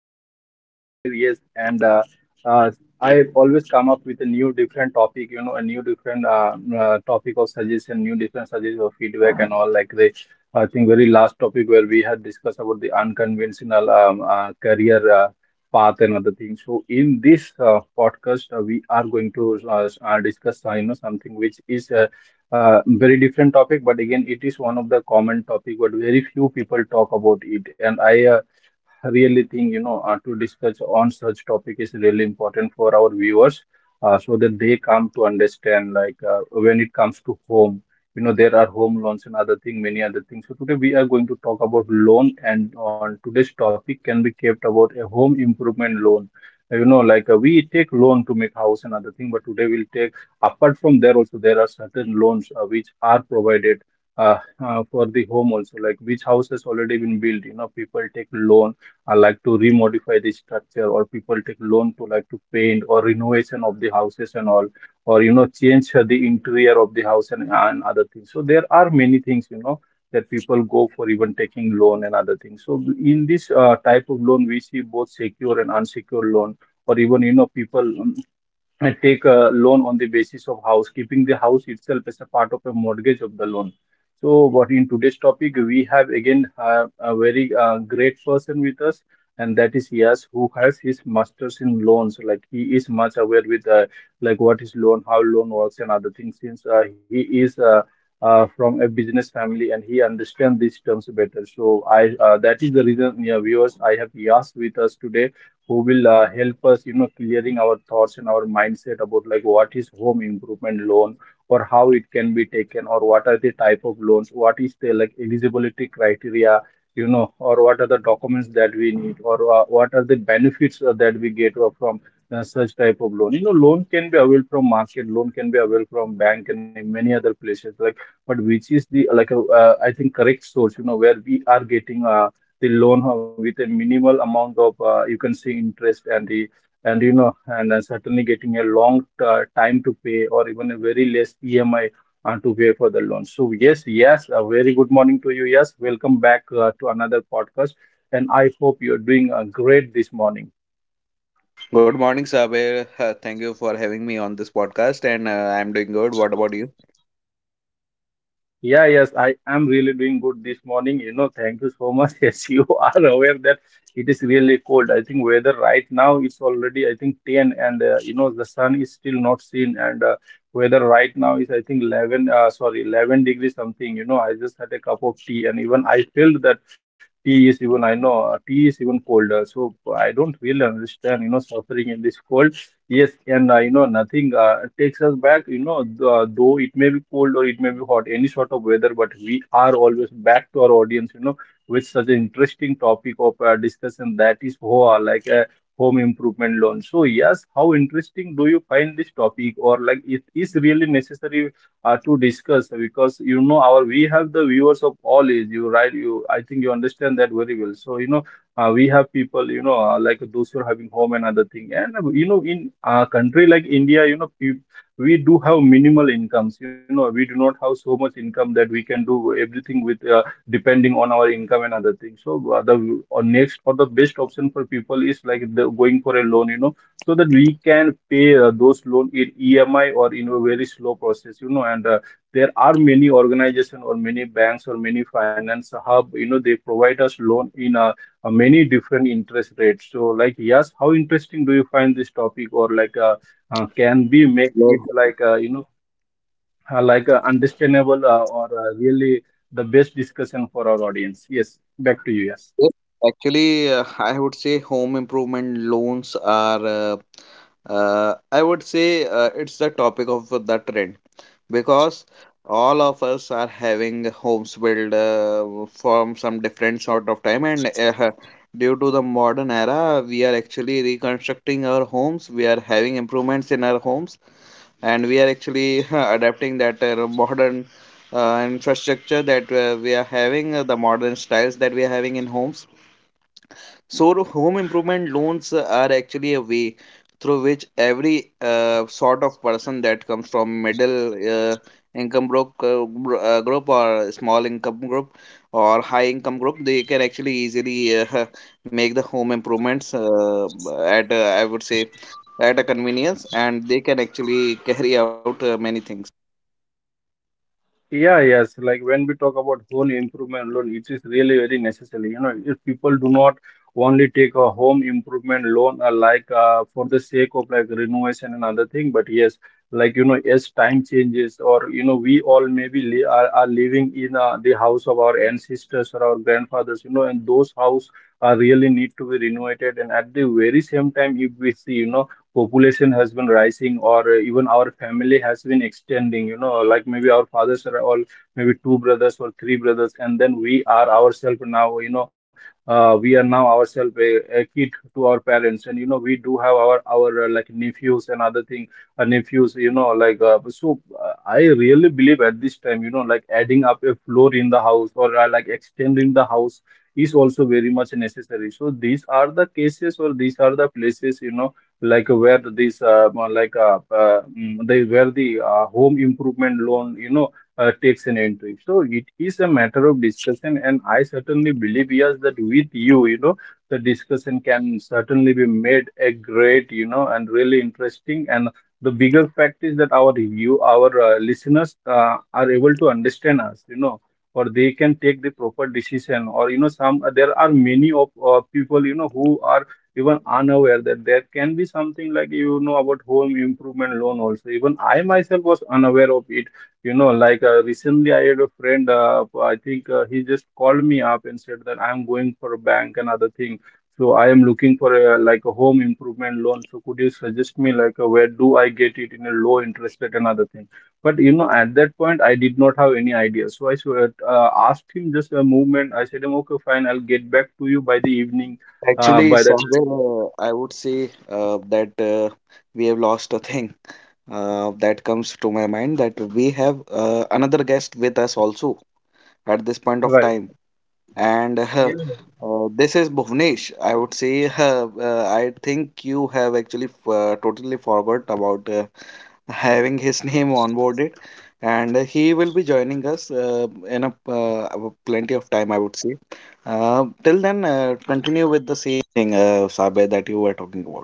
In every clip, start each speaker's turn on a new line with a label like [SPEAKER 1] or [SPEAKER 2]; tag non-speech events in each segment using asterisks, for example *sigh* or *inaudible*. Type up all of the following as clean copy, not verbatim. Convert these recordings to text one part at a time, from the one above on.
[SPEAKER 1] this is your host Sabir. Yes, and uh, I always come up with a new different topic, you know, a new different topic of suggestion, new different suggestion of feedback and all. Like the I think very last topic where we had discussed about the unconventional career path and other things. So in this podcast, we are going to discuss, you know, something which is very different topic, but again it is one of the common topic but very few people talk about it, and I really think, you know, to discuss on such topic is really important for our viewers, so that they come to understand like when it comes to home, you know, there are home loans and other thing, many other things. So today we are going to talk about loan, and on today's topic can be kept about a home improvement loan. You know, like we take loan to make house and other thing, but today we'll take apart from there also there are certain loans which are provided uh, for the home also, like which house has already been built. You know, people take loan, I like to remodify the structure, or people take loan to like to paint or renovation of the houses and all, or you know change the interior of the house and other things. So there are many things, you know, that people go for even taking loan and other things. So in this type of loan, we see both secure and unsecure loan, or even you know people. Take a loan on the basis of house, keeping the house itself as a part of a mortgage of the loan. So, what in today's topic, we have again a very great person with us, and that is Yas, who has his masters in loans. Like he is much aware with like what is loan, how loan works, and other things. Since he is from a business family and he understands these terms better. So, I that is the reason, yeah, viewers, I have Yas with us today who will help us, you know, clearing our thoughts and our mindset about like what is home improvement loan or how it can be taken or what are the type of loans, what is the like eligibility criteria, you know, or what are the documents that we need or what are the benefits that we get from such type of loan. You know, loan can be available from market, loan can be available from bank and in many other places like, but which is the like a, I think correct source, you know, where we are getting the loan with a minimal amount of you can see interest, and the and you know and certainly getting a long time to pay or even a very less EMI to pay for the loan. So yes, yes, a very good morning to you. Yes, welcome back to another podcast, and I hope you're doing great this morning.
[SPEAKER 2] Good morning, Sabir. Thank you for having me on this podcast, and I'm doing good. What about you?
[SPEAKER 1] Yeah, yes, I am really doing good this morning. You know, thank you so much. *laughs* Yes, you are aware that it is really cold. I think weather right now it's already I think 10, and you know the sun is still not seen, and weather right now is I think 11 degrees something. You know, I just had a cup of tea and even I felt that tea is even I know tea is even colder. So I don't really understand, you know, suffering in this cold. Yes, and you know, nothing takes us back, you know, though it may be cold or it may be hot, any sort of weather, but we are always back to our audience, you know, with such an interesting topic of discussion, that is HOA, like a home improvement loan. So, yes, how interesting do you find this topic, or like it is really necessary to discuss, because you know, our we have the viewers of all age, you right? You, I think you understand that very well. So, you know, we have people, you know, like those who are having home and other thing, and you know, in a country like India, you know, we do have minimal incomes, you know, we do not have so much income that we can do everything with depending on our income and other things. So the next or the best option for people is like the, going for a loan, you know, so that we can pay those loan in EMI or in a very slow process, you know, and there are many organization or many banks or many finance hub, you know, they provide us loan in a many different interest rates. So, like, yes, how interesting do you find this topic, or like, can we make
[SPEAKER 2] Well,
[SPEAKER 1] it like, you know, understandable or really the best discussion for our audience? Yes, back to you. Yes.
[SPEAKER 2] yes. Actually, I would say home improvement loans are, I would say, it's the topic of the trend, because all of us are having homes built from some different sort of time, and due to the modern era, we are actually reconstructing our homes. We are having improvements in our homes, and we are actually adapting that modern infrastructure that we are having, the modern styles that we are having in homes. So, home improvement loans are actually a way through which every sort of person that comes from middle income group, group, or small income group, or high income group, they can actually easily *laughs* make the home improvements at, I would say, at a convenience, and they can actually carry out many things.
[SPEAKER 1] Yeah, yes. Like when we talk about home improvement loan, it is really very necessary. You know, if people do not only take a home improvement loan, for the sake of like renovation and other thing, but yes, like you know, as time changes, or you know, we all maybe li are living in the house of our ancestors or our grandfathers, you know, and those house are really need to be renovated. And at the very same time, if we see, you know, population has been rising, or even our family has been extending, you know, like maybe our fathers are all maybe two brothers or three brothers, and then we are ourselves now, you know, we are now ourselves a kid to our parents, and you know we do have our like nephews and other thing, nephews, you know, like so I really believe at this time, you know, like adding up a floor in the house or like extending the house is also very much necessary. So these are the cases or these are the places, you know, like where this like mm, the where the home improvement loan, you know, takes an entry. So it is a matter of discussion, and I certainly believe, yes, that with you, you know, the discussion can certainly be made a great, you know, and really interesting, and the bigger fact is that our listeners are able to understand us, you know, or they can take the proper decision, or you know some there are many of people, you know, who are even unaware that there can be something like you know about home improvement loan also. Even I myself was unaware of it, you know, like recently I had a friend, I think he just called me up and said that I'm going for a bank and other thing, so I am looking for a, like a home improvement loan, so could you suggest me like where do I get it in a low interest rate and other thing. But you know at that point I did not have any idea, so I asked him just a movement, I said, Okay, fine, I'll get back to you by the evening,
[SPEAKER 2] Actually,
[SPEAKER 1] by the
[SPEAKER 2] somewhere I would say that we have lost a thing that comes to my mind, that we have another guest with us also at this point of
[SPEAKER 1] Well,
[SPEAKER 2] time, and *laughs*
[SPEAKER 1] yes,
[SPEAKER 2] this is Bhuvnesh. I would say *laughs* I think you have actually totally forgot about having his *laughs* name onboarded, and he will be joining us in a plenty of time, I would say. Till then, continue with the same thing, Saber, that you were talking about.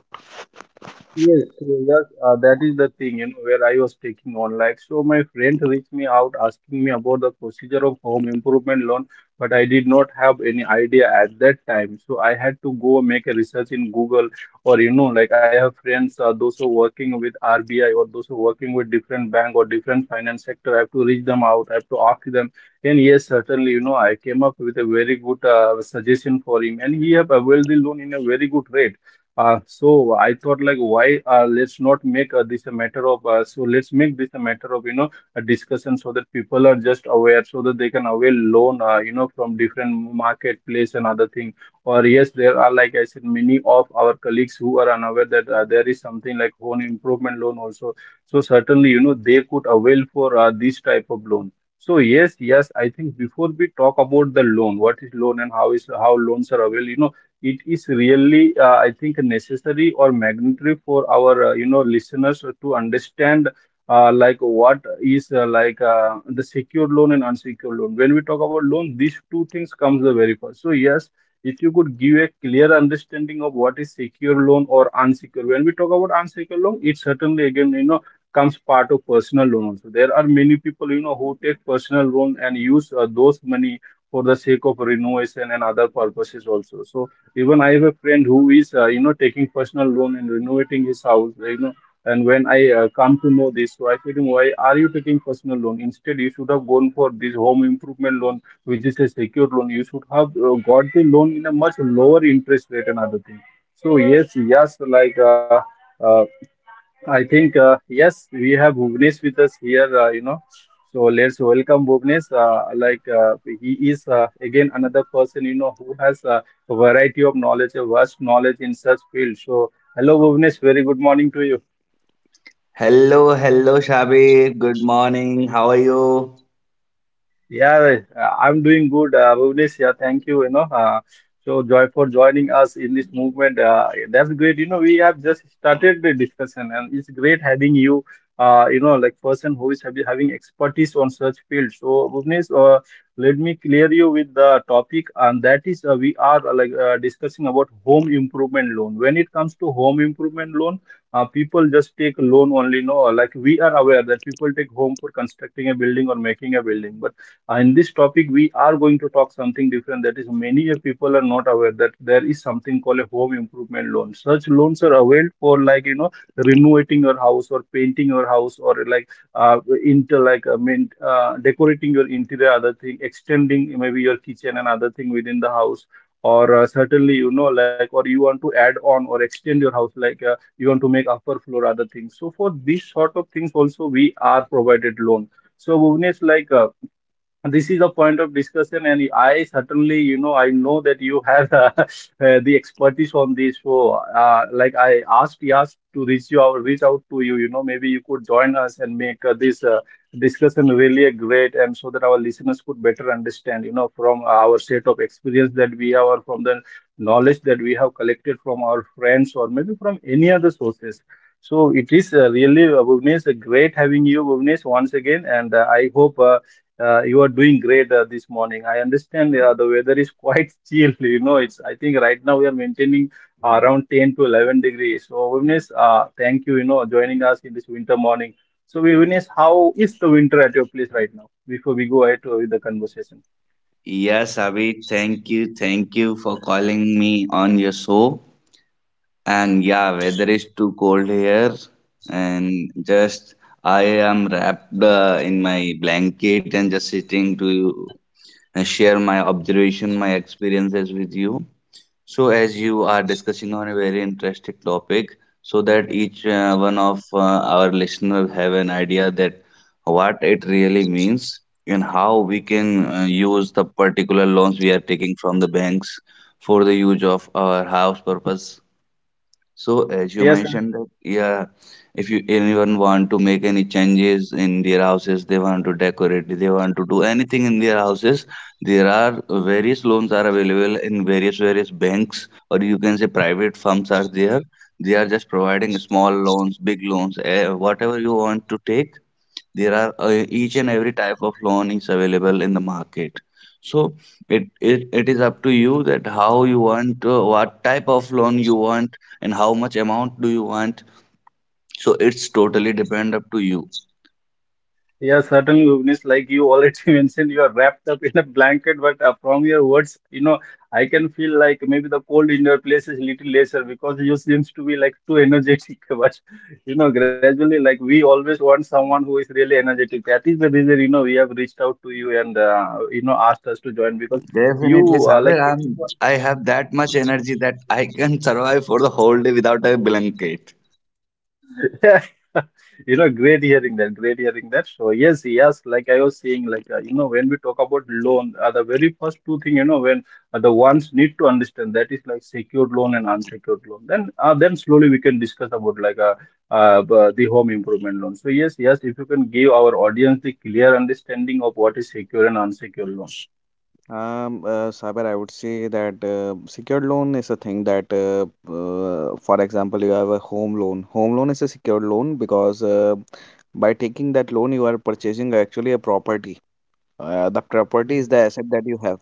[SPEAKER 1] yes, yes, that is the thing, you know, where I was taking on. Like, so my friend reached me out asking me about the procedure of home improvement loan, but I did not have any idea at that time. So I had to go make a research in Google, or you know, like I have friends, those who are working with RBI or those who are working with different bank or different finance sector. I have to reach them out. I have to ask them. And yes, certainly, you know, I came up with a very good suggestion for him, and he have availed the loan in a very good rate. So I thought like why let's not make this a matter of so let's make this a matter of you know a discussion so that people are just aware so that they can avail loan you know from different marketplace and other thing. Or yes, there are, like I said, many of our colleagues who are unaware that there is something like home improvement loan also. So certainly, you know, they could avail for this type of loan. So yes, yes, I think before we talk about the loan, what is loan and how loans are available, you know, it is really I think necessary or mandatory for our you know listeners to understand like what is like the secured loan and unsecured loan. When we talk about loan, these two things comes the very first. So yes, if you could give a clear understanding of what is secure loan or unsecured. When we talk about unsecured loan, it certainly again, you know, comes part of personal loan also. There are many people, you know, who take personal loan and use those money for the sake of renovation and other purposes also. So even I have a friend who is, you know, taking personal loan and renovating his house, you know. And when I come to know this, so I said to him, why are you taking personal loan? Instead, you should have gone for this home improvement loan, which is a secured loan. You should have got the loan in a much lower interest rate and other things. So yes, yes, uh, I think, yes, we have Bhuvnesh with us here, you know. So let's welcome Bhuvnesh. He is, again, another person, you know, who has a variety of knowledge, a vast knowledge in such field. So, hello, Bhuvnesh. Very good morning to you.
[SPEAKER 3] Hello, hello, Shabir. Good morning. How are you?
[SPEAKER 1] Yeah, I'm doing good, Bhuvnesh. Yeah, thank you. You know, so joy for joining us in this movement. That's great. You know, we have just started the discussion, and it's great having you. You know, like person who is having expertise on such field. So, Bhuvnesh, let me clear you with the topic, and that is we are discussing about home improvement loan. When it comes to home improvement loan, people just take loan only no, like we are aware that people take home for constructing a building or making a building, but in this topic, we are going to talk something different. That is, many a people are not aware that there is something called a home improvement loan. Such loans are availed for, like you know, renovating your house or painting your house or like into like I mean decorating your interior, other thing, extending maybe your kitchen and other thing within the house. Or certainly, you know, like, or you want to add on or extend your house, like you want to make upper floor, other things. So for these sort of things, also we are provided loan. So Bhuvnesh, this is the point of discussion. And I certainly, you know, I know that you have *laughs* the expertise on this. So like I asked Yas to reach out to you, you know, maybe you could join us and make this discussion really a great, and so that our listeners could better understand, you know, from our set of experience that we have, or from the knowledge that we have collected from our friends or maybe from any other sources. So it is really Bhuvnesh, great having you Bhuvnesh once again. And I hope you are doing great this morning. I understand the weather is quite *laughs* chill. You know, it's, I think right now we are maintaining around 10 to 11 degrees. So, Vivnes, thank you. You know, joining us in this winter morning. So, Vivnes, how is the winter at your place right now? Before we go ahead to, with the conversation.
[SPEAKER 3] Yes, Abhi, thank you. Thank you for calling me on your show. And yeah, weather is too cold here. And just I am wrapped in my blanket and just sitting to share my observation, my experiences with you. So, as you are discussing on a very interesting topic, so that each one of our listeners have an idea that what it really means and how we can use the particular loans we are taking from the banks for the use of our house purpose. So, as you
[SPEAKER 1] Yes.
[SPEAKER 3] mentioned that, yeah, if you anyone want to make any changes in their houses, they want to decorate, they want to do anything in their houses, there are various loans are available in various banks, or you can say private firms are there. They are just providing small loans, big loans, whatever you want to take, there are each and every type of loan is available in the market. So it is up to you that how you want, what type of loan you want and how much amount do you want. So it's totally depend up to you.
[SPEAKER 1] Yeah, certainly, Bhuvnesh, like you already *laughs* mentioned, you are wrapped up in a blanket, but from your words, you know, I can feel like maybe the cold in your place is little lesser because you seems to be like too energetic. *laughs* But you know, gradually, like we always want someone who is really energetic. That is the reason, you know, we have reached out to you and you know asked us to join because you
[SPEAKER 3] Definitely, Sabir, I have that much energy that I can *laughs* survive for the whole day without a blanket.
[SPEAKER 1] *laughs* You know, great hearing that, great hearing that. So yes, yes, like I was saying, you know, when we talk about loan, the very first two thing, you know, when the ones need to understand, that is like secured loan and unsecured loan. Then slowly we can discuss about the home improvement loan. So yes, yes, if you can give our audience the clear understanding of what is secure and unsecured loan.
[SPEAKER 2] Saber, I would say that secured loan is a thing that, for example, you have a home loan. Home loan is a secured loan, because by taking that loan, you are purchasing actually a property. The property is the asset that you have.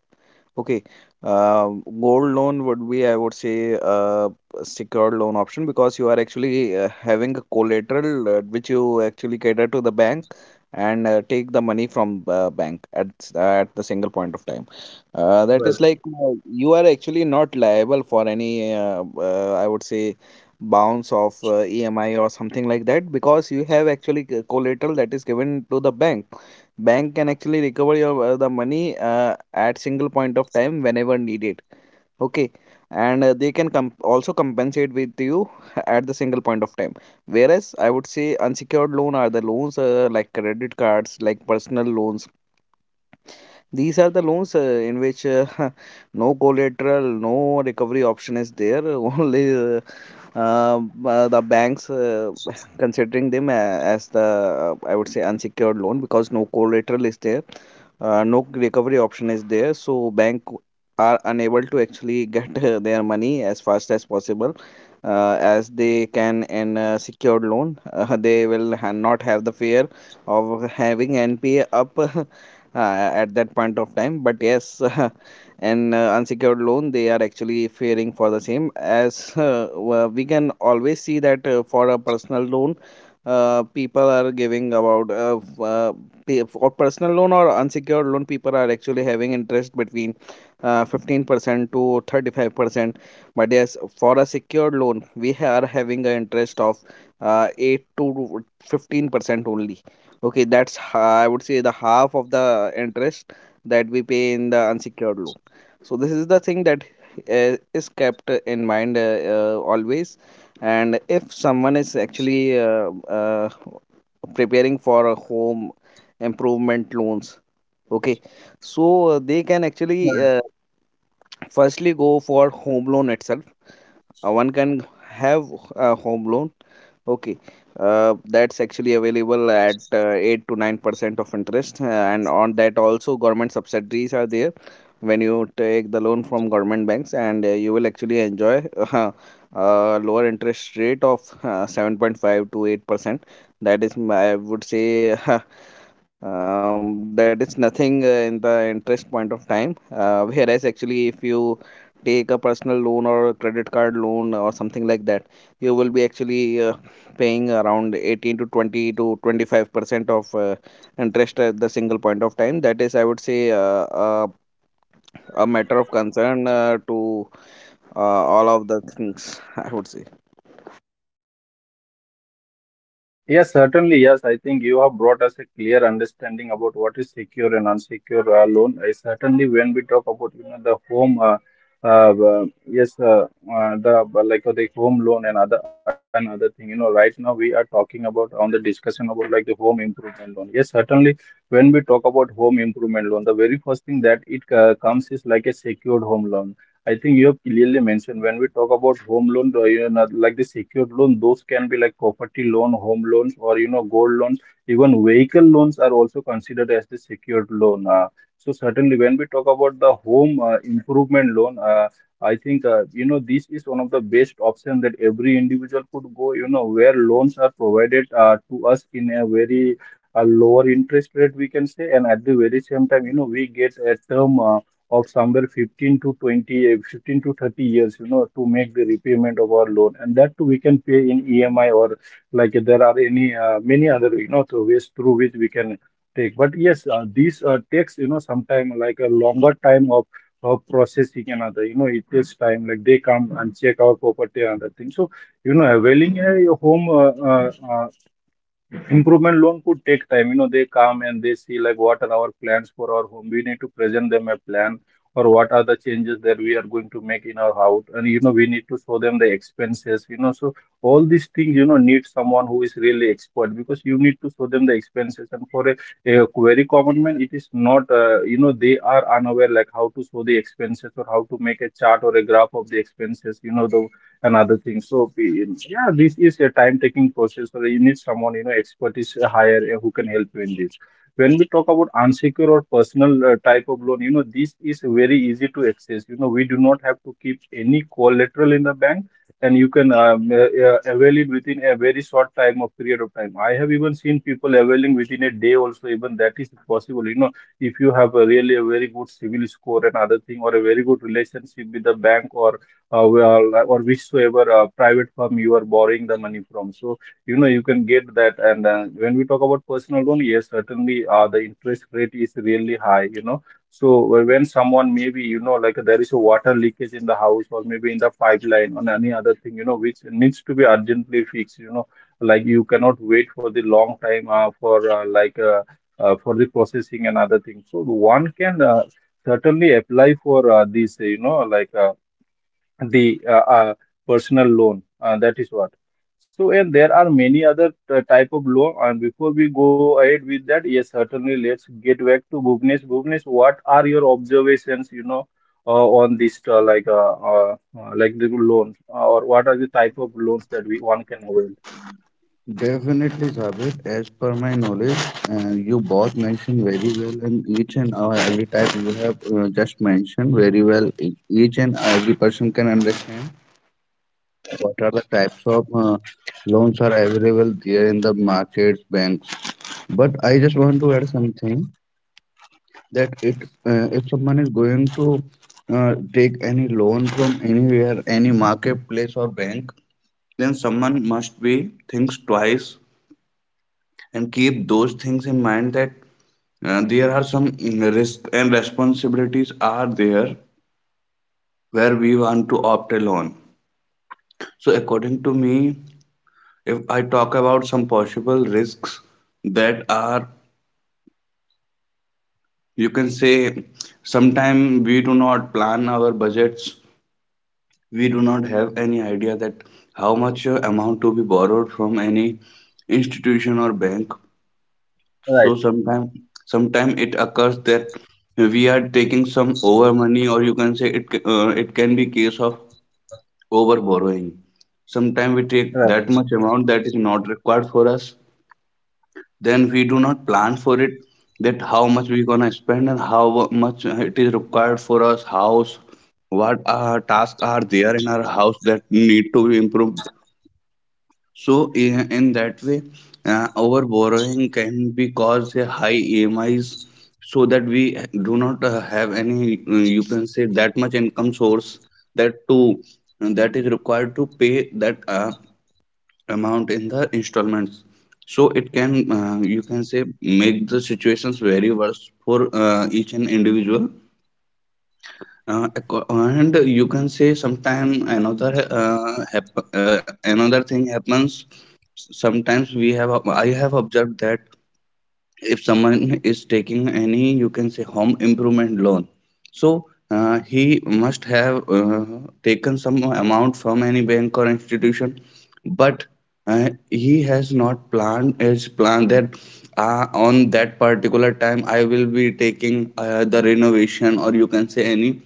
[SPEAKER 2] Okay. Uh, Gold loan would be, I would say, a secured loan option, because you are actually having a collateral which you actually cater to the bank, and take the money from bank at at the single point of time. That is like, you are actually not liable for any, I would say, bounce of EMI or something like that, because you have actually collateral that is given to the bank. Bank can actually recover your the money at single point of time whenever needed. Okay. And they can also compensate with you *laughs* at the single point of time, whereas, I would say, unsecured loan are the loans, like credit cards, like personal loans. These are the loans in which *laughs* no collateral, no recovery option is there. *laughs* Only uh, the banks *laughs* considering them as the, I would say, unsecured loan, because no collateral is there, no recovery option is there. So bank are unable to actually get *laughs* their money as fast as possible, as they can in a secured loan. *laughs* They will not have the fear of having NPA up, *laughs* uh, at that point of time. But yes, *laughs* and unsecured loan, they are actually fearing for the same, as *laughs* well. We can always see that for a personal loan, people are giving about, for personal loan or unsecured loan, people are actually having interest between 15% to 35%. But yes, for a secured loan, we are having an interest of 8 to 15% only. Okay, that's I would say the half of the interest that we pay in the unsecured loan. So this is the thing that is kept in mind, always. And if someone is actually preparing for a home improvement loans, okay, so they can
[SPEAKER 1] Right.
[SPEAKER 2] actually firstly go for home loan itself. One can have a home loan. Okay, that's actually available at 8 to 9% of interest, and on that also government subsidies are there when you take the loan from government banks, and you will actually enjoy *laughs* uh, lower interest rate of 7.5 to 8%. That is, I would say, *laughs* uh, that is nothing in the interest point of time, whereas actually, if you take a personal loan or credit card loan or something like that, you will be actually paying around 18 to 20 to 25% of interest at the single point of time. That is, I would say, uh, a matter of concern to all of the things. *laughs* I would say.
[SPEAKER 1] Yes, certainly. Yes, I think you have brought us a clear understanding about what is secure and unsecure loan. I certainly, when we talk about you know the home, yes, the but like the home loan and other thing. You know, right now we are talking about on the discussion about like the home improvement loan. Yes, certainly, when we talk about home improvement loan, the very first thing that it comes is like a secured home loan. I think you have clearly mentioned, when we talk about home loan, you know, like the secured loan, those can be like property loan, home loans, or you know, gold loans. Even vehicle loans are also considered as the secured loan. So certainly, when we talk about the home improvement loan, I think you know this is one of the best option that every individual could go. You know, where loans are provided to us in a very lower interest rate, we can say, and at the very same time, you know, we get a term of somewhere 15 to 20, 15 to 30 years, you know, to make the repayment of our loan. And that too we can pay in EMI, or like there are any many other, you know, the ways through which we can take. But yes, these takes, you know, sometime like a longer time of processing and other, you know, it takes time. Like they come and check our property and other thing. So, you know, availing a home improvement loan could take time. You know, they come and they see like what are our plans for our home. We need to present them a plan or what are the changes that we are going to make in our house. And you know, we need to show them the expenses. You know, so all these things you know need someone who is really expert because you need to show them the expenses. And for a very common man, it is not. You know, they are unaware like how to show the expenses or how to make a chart or a graph of the expenses. You know, the and other things. So yeah, this is a time-taking process. So you need someone, you know, expertise higher who can help you in this. When we talk about unsecured or personal type of loan, you know, this is very easy to access. You know, we do not have to keep any collateral in the bank, and you can avail it within a very short time of period of time. I have even seen people availing within a day also. Even that is possible. You know, if you have a really a very good civil score and other thing, or a very good relationship with the bank, or well, or whichsoever private firm you are borrowing the money from. So, you know, you can get that. And when we talk about personal loan, yes, certainly the interest rate is really high, you know. So, when someone maybe, you know, like there is a water leakage in the house or maybe in the pipeline or any other thing, you know, which needs to be urgently fixed, you know, like you cannot wait for the long time for the processing and other things. So, one can certainly apply for this, you know, like. The personal loan that is what. So and there are many other type of loan. And before we go ahead with that, yes certainly let's get back to Bhuvnesh. Bhuvnesh, what are your observations, you know, uh, on this like the loan, or what are the type of loans that we one can avail?
[SPEAKER 3] Definitely, Sabit. As per my knowledge, you both mentioned very well, and each and every type you have just mentioned very well. Each and every person can understand what are the types of loans are available there in the markets, banks. But I just want to add something that it if someone is going to take any loan from anywhere, any marketplace or bank, then someone must be thinks twice and keep those things in mind that there are some risk and responsibilities are there where we want to opt alone. So according to me, if I talk about some possible risks that are, you can say, sometime we do not plan our budgets. We do not have any idea that how much amount to be borrowed from any institution or bank. So
[SPEAKER 1] Right.
[SPEAKER 3] sometimes sometime sometime it occurs that we are taking some over money, or you can say it can be case of over borrowing. Sometimes we take that much amount that is not required for us. Then we do not plan for it that how much we're gonna spend and how much it is required for us house, what tasks are there in our house that need to be improved. So, in that way, our borrowing can be caused a high EMIs, so that we do not have any, you can say, that much income source that to that is required to pay that amount in the installments. So it can, you can say, make the situations very worse for each and individual. And you can say sometime another another thing happens. Sometimes I have observed that if someone is taking any, you can say, home improvement loan, so he must have taken some amount from any bank or institution, but he has not planned his plan that on that particular time I will be taking the renovation, or you can say any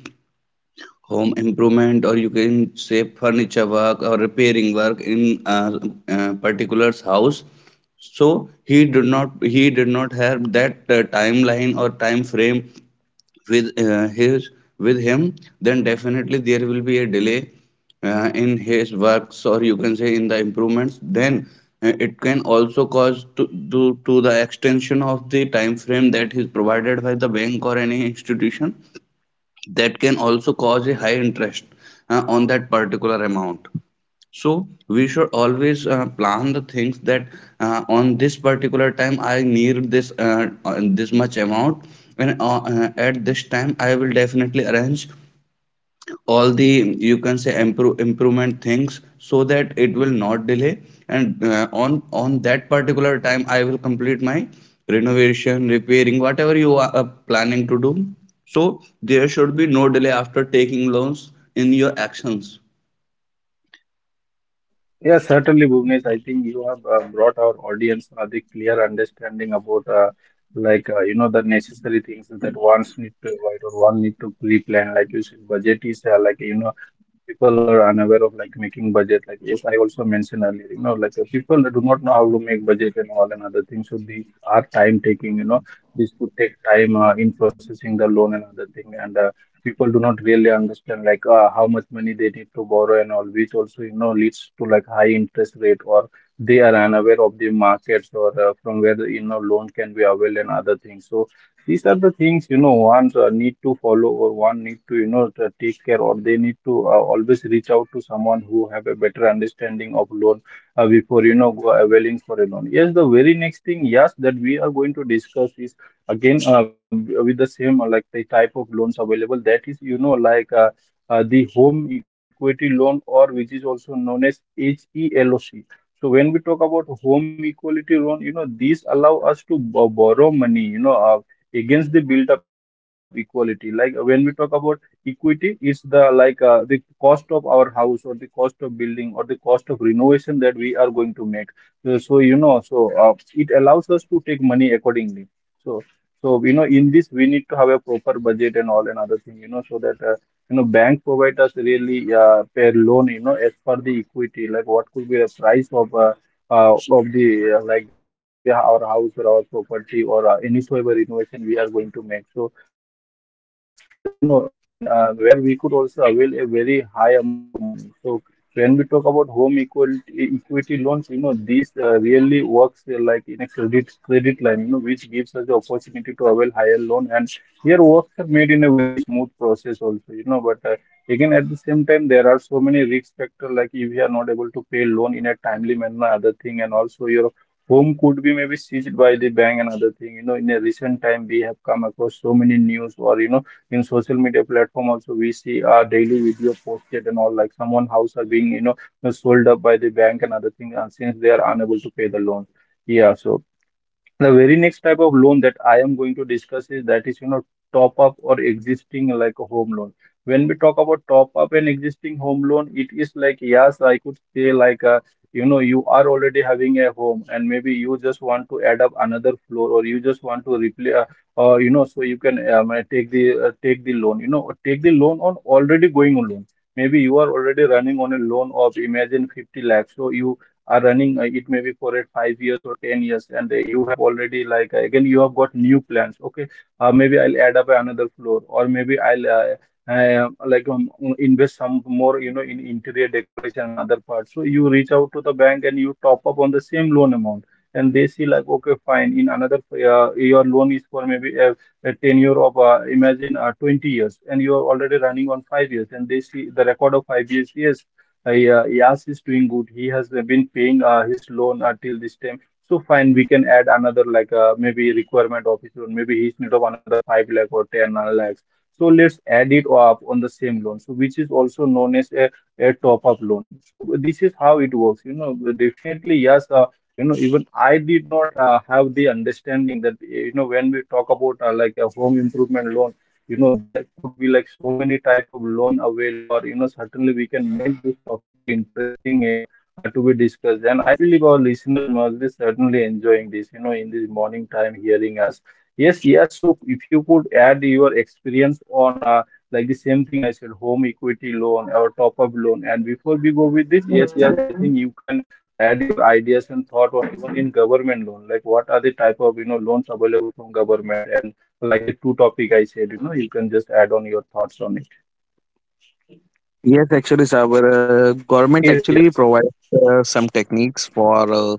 [SPEAKER 3] home improvement, or you can say furniture work or repairing work in a particular's house. So he did not have that timeline or time frame with uh, his with him. Then definitely there will be a delay in his works, or you can say in the improvements. Then it can also cause to the extension of the time frame that is provided by the bank or any institution. That can also cause a high interest on that particular amount. So we should always plan the things that on this particular time I need this much amount, and at this time I will definitely arrange all the, you can say, improvement things, so that it will not delay. And on that particular time I will complete my renovation repairing whatever you are planning to do. So there should be no delay after taking loans in your actions.
[SPEAKER 1] Yes, certainly, Bhuvnesh. I think you have brought our audience a the clear understanding about, the necessary things that one's need to avoid or one need to pre-plan. Like you said, budget is like, you know, people are unaware of like making budget. Like, yes, I also mentioned earlier, you know, people do not know how to make budget and all and other things. So these are time taking, you know, this could take time in processing the loan and other thing. And people do not really understand how much money they need to borrow and all, which also you know leads to like high interest rate, or they are unaware of the markets, or from where the you know loan can be available and other things. So these are the things you know one need to follow or one need to you know to take care, or they need to always reach out to someone who have a better understanding of loan before you know go availing for a loan. Yes, the very next thing, yes, that we are going to discuss is again, with the same, like the type of loans available, that is you know the home equity loan, or which is also known as HELOC. So when we talk about home equality loan, you know, these allow us to borrow money, you know, against the built up equality. When we talk about equity, it's the the cost of our house, or the cost of building, or the cost of renovation that we are going to make. So you know it allows us to take money accordingly. So so, you know, in this, we need to have a proper budget and all and other thing, you know, so that, you know, bank provide us really per loan, you know, as per the equity, like what could be the price of the like the our house or our property, or any whatsoever innovation we are going to make. So, you know, and where we could also avail a very high amount of money. So when we talk about home equality, equity loans, you know, this really works like in a credit line, you know, which gives us the opportunity to avail higher loan. And here works are made in a very smooth process also, you know. But again, at the same time, there are so many risk factors, like if you are not able to pay loan in a timely manner, other thing, and also your home could be maybe seized by the bank and other thing. You know, in a recent time, we have come across so many news, or you know in social media platform also we see daily video posted and all, like someone house are being you know sold up by the bank and other thing, since they are unable to pay the loan. Yeah, so the very next type of loan that I am going to discuss is that is, you know, top up or existing like a home loan. When we talk about top up and existing home loan, it is like, yes, I could say like, you know, you are already having a home and maybe you just want to add up another floor, or you just want to replace, you know, so you can take the loan, you know, take the loan on already going on loan. Maybe you are already running on a loan of imagine 50 lakhs. So you are running it may be for it 5 years or 10 years, and you have already again you have got new plans. Okay, maybe I'll add up another floor, or maybe I'll uh, like um, invest some more you know in interior decoration and other parts. So you reach out to the bank and you top up on the same loan amount, and they see like, okay, fine, in another your loan is for maybe a tenure of imagine 20 years, and you are already running on 5 years, and they see the record of 5 years. Yes, yeah, Yas is doing good. He has been paying his loan till this time. So fine, we can add another maybe requirement of his loan. Maybe he's need of another five lakh or ten lakhs. So let's add it up on the same loan. So which is also known as a top up loan. So this is how it works, you know. Definitely, yes. You know, even I did not have the understanding that you know when we talk about like a home improvement loan, you know there could be like so many type of loan avail, or you know certainly we can make this topic a interesting, to be discussed, and I believe our listeners must be certainly enjoying this, you know, in this morning time hearing us. Yes, yes, so if you could add your experience on, like the same thing I said, home equity loan or top up loan, and before we go with this, yes, yes, I think you can add your ideas and thought on even in government loan, like what are the type of you know loans available from government, and like the two topic I said, you know, you can just add on your thoughts on it.
[SPEAKER 2] Yes, actually, sir, our government
[SPEAKER 1] Yes,
[SPEAKER 2] actually
[SPEAKER 1] yes.
[SPEAKER 2] provides some techniques for